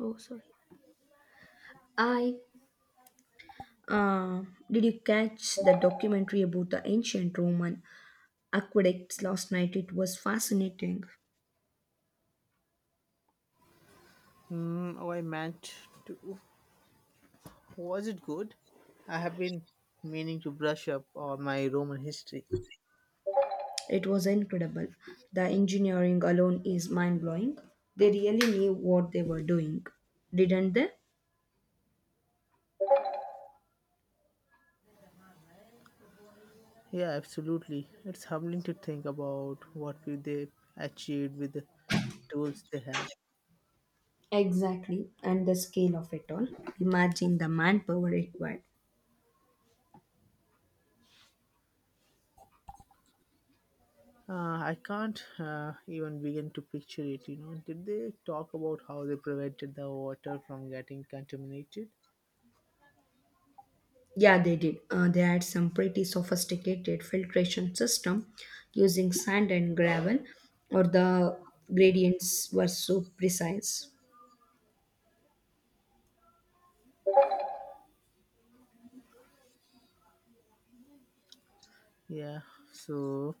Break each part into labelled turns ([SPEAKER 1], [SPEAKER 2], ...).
[SPEAKER 1] Oh, sorry. I uh, did you catch the documentary about the ancient Roman aqueducts last night? It was fascinating.
[SPEAKER 2] Hmm. Oh, I meant to. Was it good? I have been meaning to brush up on my Roman history.
[SPEAKER 1] It was incredible. The engineering alone is mind blowing. They really knew what they were doing, didn't they?
[SPEAKER 2] Yeah, absolutely. It's humbling to think about what they achieved with the tools they had.
[SPEAKER 1] Exactly, and the scale of it all. Imagine the manpower required.
[SPEAKER 2] I can't even begin to picture it. Did they talk about how they prevented the water from getting contaminated?
[SPEAKER 1] Yeah, they did. They had some pretty sophisticated filtration system using sand and gravel, or the gradients were so precise.
[SPEAKER 2] Yeah, so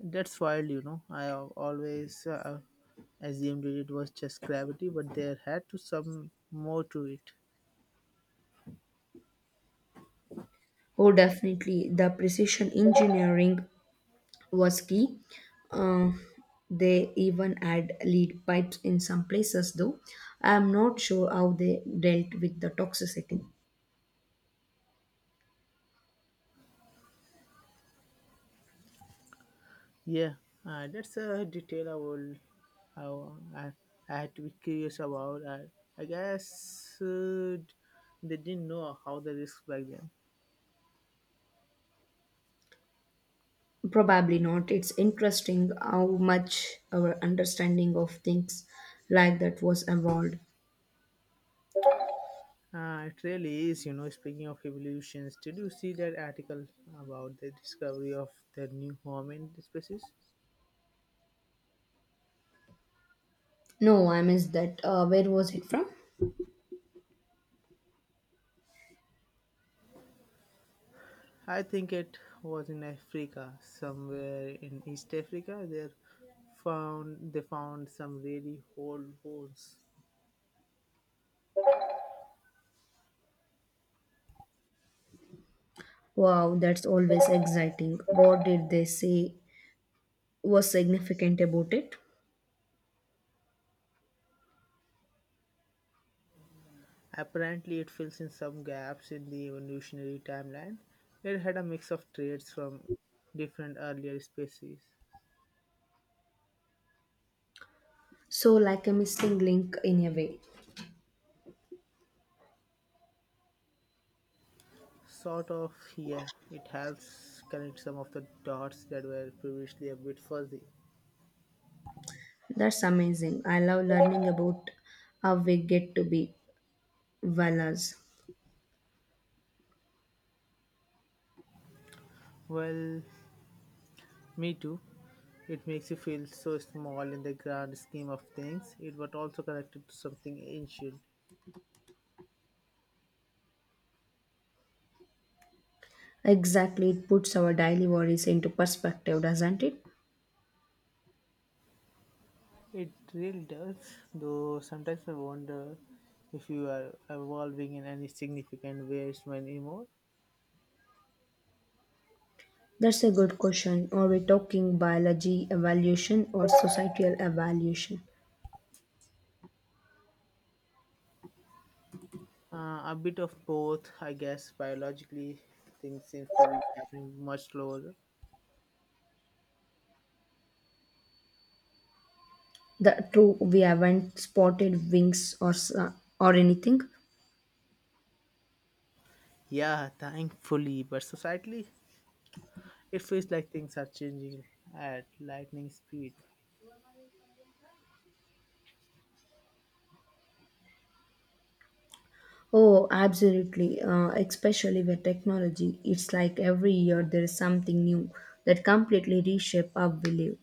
[SPEAKER 2] that's wild, I always assumed it was just gravity, but there had to some more to it.
[SPEAKER 1] Oh, definitely, the precision engineering was key. Uh, they even had lead pipes in some places, though. I'm not sure how they dealt with the toxicity.
[SPEAKER 2] Yeah, that's a detail I will. I, wa- I, I had to be curious about. I guess they didn't know how the risks back then.
[SPEAKER 1] Probably not. It's interesting how much our understanding of things like that was evolved.
[SPEAKER 2] It really is, Speaking of evolutions, did you see that article about the discovery of the new home in species?
[SPEAKER 1] No, I missed that. Where was it from?
[SPEAKER 2] I think it was in Africa, somewhere in East Africa. They found some really old bones.
[SPEAKER 1] Wow, that's always exciting. What did they say was significant about it?
[SPEAKER 2] Apparently, it fills in some gaps in the evolutionary timeline. It had a mix of traits from different earlier species.
[SPEAKER 1] So, like a missing link in a way.
[SPEAKER 2] Sort of, yeah. It helps connect some of the dots that were previously a bit fuzzy.
[SPEAKER 1] That's amazing. I love learning about how we get to be wellers.
[SPEAKER 2] Well, me too. It makes you feel so small in the grand scheme of things, it was also connected to something ancient.
[SPEAKER 1] Exactly, it puts our daily worries into perspective, doesn't it?
[SPEAKER 2] It really does, though sometimes I wonder if you are evolving in any significant ways anymore.
[SPEAKER 1] That's a good question. Are we talking biology evaluation or societal evaluation?
[SPEAKER 2] A bit of both, I guess. Biologically, things seem to be happening much slower.
[SPEAKER 1] The true we haven't spotted wings or anything.
[SPEAKER 2] Yeah, thankfully, but societally, it feels like things are changing at lightning speed.
[SPEAKER 1] Oh, absolutely. Especially with technology, it's like every year there is something new that completely reshape our belief.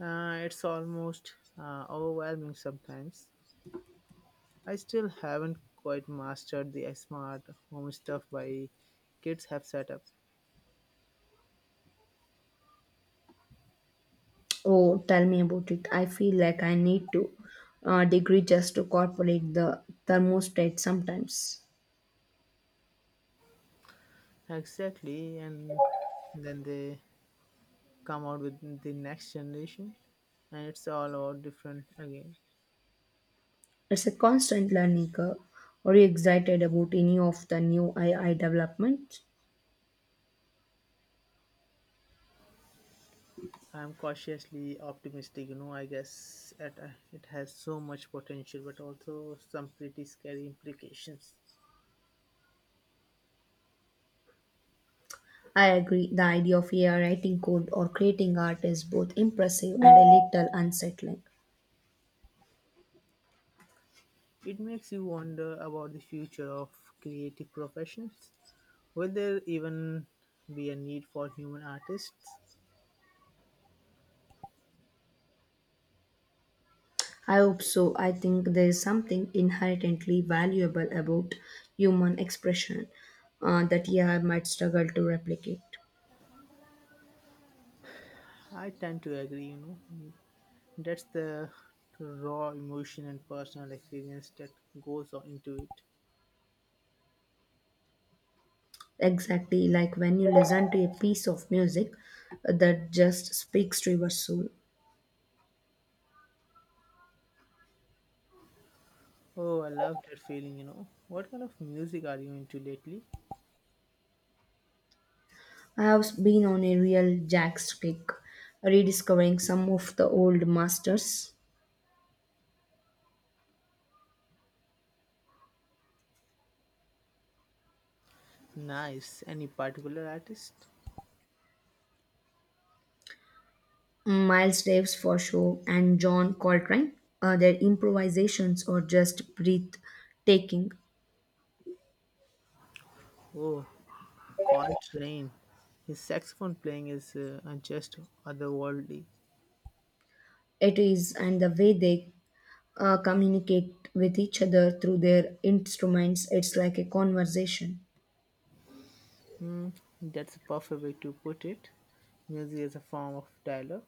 [SPEAKER 2] It's almost overwhelming sometimes. I still haven't quite mastered the smart home stuff my kids have set up.
[SPEAKER 1] Oh, tell me about it. I feel like I need to degree just to incorporate the thermostat sometimes.
[SPEAKER 2] Exactly, and then they come out with the next generation, and it's all about different again.
[SPEAKER 1] It's a constant learning curve. Are you excited about any of the new AI developments?
[SPEAKER 2] I'm cautiously optimistic, I guess it has so much potential, but also some pretty scary implications.
[SPEAKER 1] I agree. The idea of AI writing code or creating art is both impressive and a little unsettling.
[SPEAKER 2] It makes you wonder about the future of creative professions. Will there even be a need for human artists?
[SPEAKER 1] I hope so. I think there is something inherently valuable about human expression that AI might struggle to replicate.
[SPEAKER 2] I tend to agree, know. That's the raw emotion and personal experience that goes on into it.
[SPEAKER 1] Exactly like when you listen to a piece of music that just speaks to your soul.
[SPEAKER 2] Oh, I love that feeling, What kind of music are you into lately?
[SPEAKER 1] I have been on a real jazz kick, rediscovering some of the old masters,
[SPEAKER 2] Nice. Any particular artist?
[SPEAKER 1] Miles Davis for sure, and John Coltrane. Their improvisations are just breathtaking.
[SPEAKER 2] Oh, Coltrane. His saxophone playing is just otherworldly.
[SPEAKER 1] It is, and the way they communicate with each other through their instruments. It's like a conversation.
[SPEAKER 2] Hmm, that's a perfect way to put it. Music is a form of dialogue.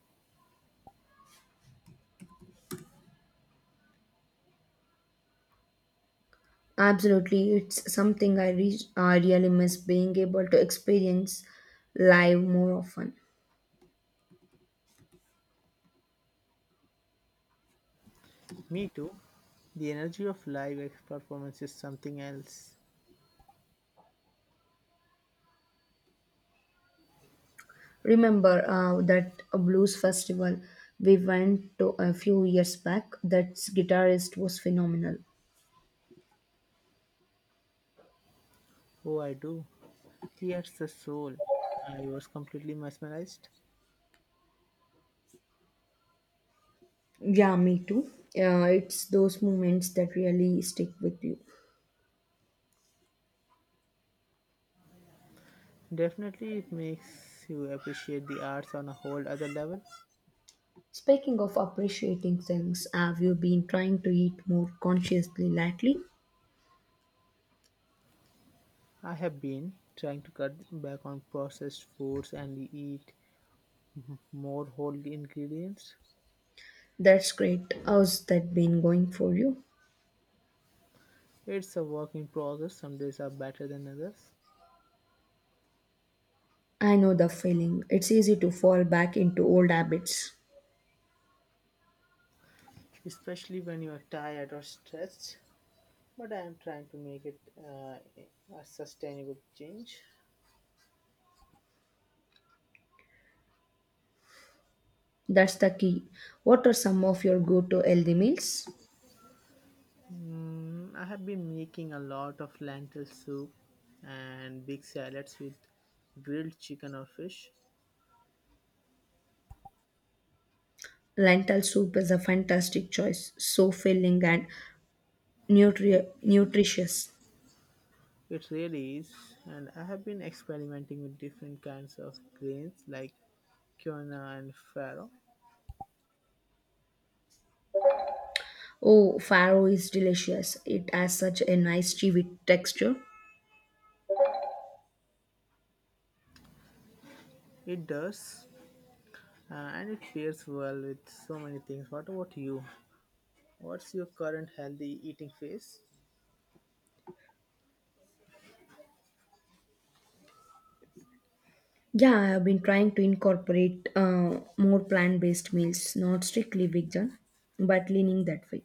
[SPEAKER 1] Absolutely, it's something I really miss being able to experience live more often.
[SPEAKER 2] Me too. The energy of live performance is something else.
[SPEAKER 1] Remember that a blues festival we went to a few years back? That guitarist was phenomenal.
[SPEAKER 2] Oh, I do. Here's the soul. I was completely mesmerized.
[SPEAKER 1] Yeah, me too. It's those moments that really stick with you.
[SPEAKER 2] Definitely, it makes you appreciate the arts on a whole other level.
[SPEAKER 1] Speaking of appreciating things, have you been trying to eat more consciously lately?
[SPEAKER 2] I have been trying to cut back on processed foods and eat more whole ingredients.
[SPEAKER 1] That's great. How's that been going for you?
[SPEAKER 2] It's a work in progress. Some days are better than others,
[SPEAKER 1] I know the feeling. It's easy to fall back into old habits.
[SPEAKER 2] especially when you are tired or stressed. But I am trying to make it a sustainable change.
[SPEAKER 1] That's the key. What are some of your go to healthy meals?
[SPEAKER 2] Mm, I have been making a lot of lentil soup and big salads with grilled chicken or fish.
[SPEAKER 1] Lentil soup is a fantastic choice, so filling and nutritious.
[SPEAKER 2] It really is, and I have been experimenting with different kinds of grains like quinoa and farro.
[SPEAKER 1] Oh, farro is delicious. It has such a nice chewy texture.
[SPEAKER 2] It does, and it pairs well with so many things. What about you? What's your current healthy eating phase?
[SPEAKER 1] Yeah, I have been trying to incorporate more plant based meals, not strictly vegan, but leaning that way.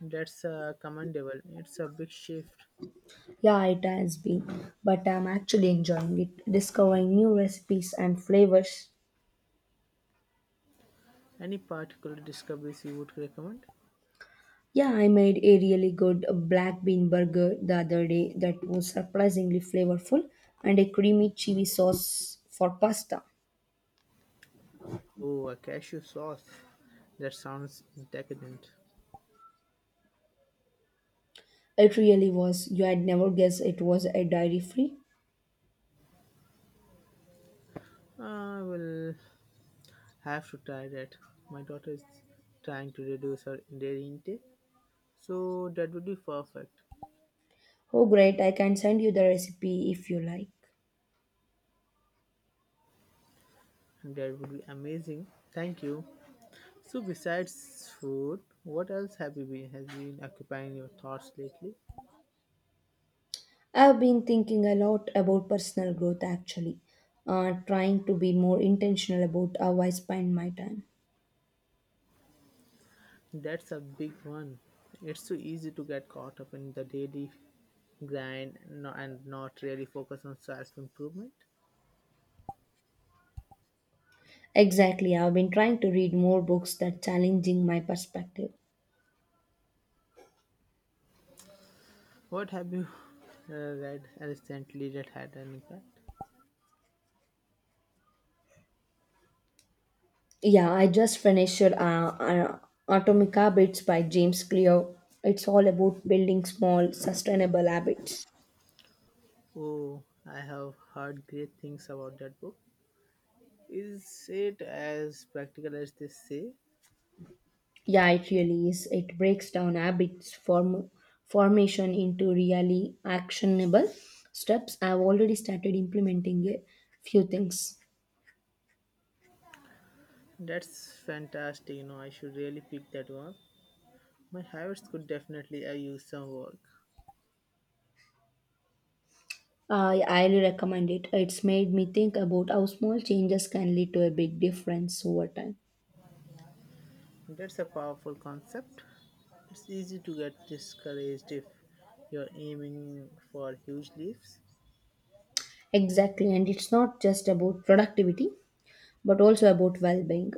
[SPEAKER 2] That's commendable. It's a big shift.
[SPEAKER 1] Yeah, it has been, but I'm actually enjoying it, discovering new recipes and flavors.
[SPEAKER 2] Any particular discoveries you would recommend?
[SPEAKER 1] Yeah, I made a really good black bean burger the other day that was surprisingly flavorful and a creamy chili sauce for pasta.
[SPEAKER 2] Oh, a cashew sauce. That sounds decadent.
[SPEAKER 1] It really was. You had never guessed it was a dairy free.
[SPEAKER 2] I will have to try that. My daughter is trying to reduce her dairy intake, so that would be perfect.
[SPEAKER 1] Oh, great. I can send you the recipe if you like.
[SPEAKER 2] That would be amazing. Thank you. So, besides food, what else have you been has been occupying your thoughts lately?
[SPEAKER 1] I've been thinking a lot about personal growth actually, trying to be more intentional about how I spend my time.
[SPEAKER 2] That's a big one. It's so easy to get caught up in the daily grind and not really focus on self improvement.
[SPEAKER 1] Exactly. I've been trying to read more books that challenging my perspective.
[SPEAKER 2] What have you uh, read recently that had an impact?
[SPEAKER 1] Yeah, I just finished Atomic Habits by James Clear. It's all about building small, sustainable habits.
[SPEAKER 2] Oh, I have heard great things about that book. Is it as practical as they say?
[SPEAKER 1] Yeah, it really is. It breaks down habits form formation into really actionable steps. I've already started implementing a few things.
[SPEAKER 2] That's fantastic, you know, I should really pick that one. My habits could definitely use some work.
[SPEAKER 1] I highly recommend it. It's made me think about how small changes can lead to a big difference over time.
[SPEAKER 2] That's a powerful concept. It's easy to get discouraged if you're aiming for huge leaps.
[SPEAKER 1] Exactly, and it's not just about productivity, but also about well being.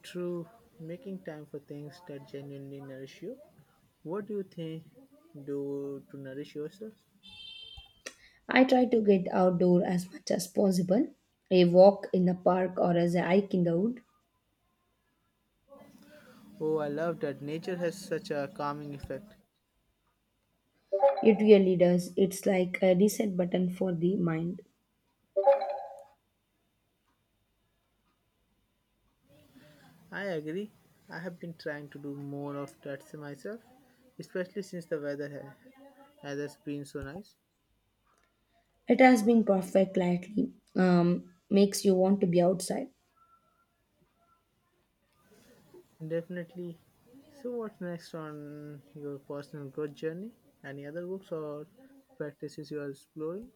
[SPEAKER 2] True, making time for things that genuinely nourish you. What do you think do to nourish yourself?
[SPEAKER 1] I try to get outdoor as much as possible. A walk in the park or as a hike in the wood.
[SPEAKER 2] Oh, I love that nature has such a calming effect.
[SPEAKER 1] It really does. It's like a reset button for the mind.
[SPEAKER 2] I agree. I have been trying to do more of that myself, especially since has been so nice.
[SPEAKER 1] It has been perfect lately. Makes you want to be outside.
[SPEAKER 2] Definitely. So, what's next on your personal growth journey? Any other books or practices you are exploring?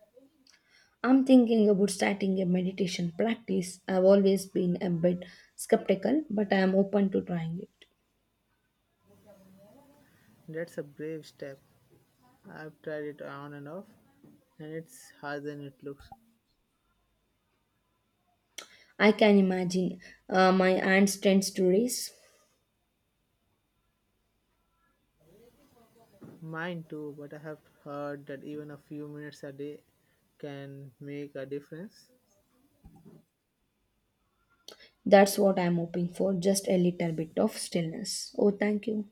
[SPEAKER 1] I'm thinking about starting a meditation practice. I've always been a bit skeptical, but I am open to trying it.
[SPEAKER 2] That's a brave step. I've tried it on and off, and it's harder than it looks.
[SPEAKER 1] I can imagine my hands tends to race.
[SPEAKER 2] Mine too, but I have heard that even a few minutes a day can make a difference.
[SPEAKER 1] That's what I'm hoping for, just a little bit of stillness. Oh, thank you.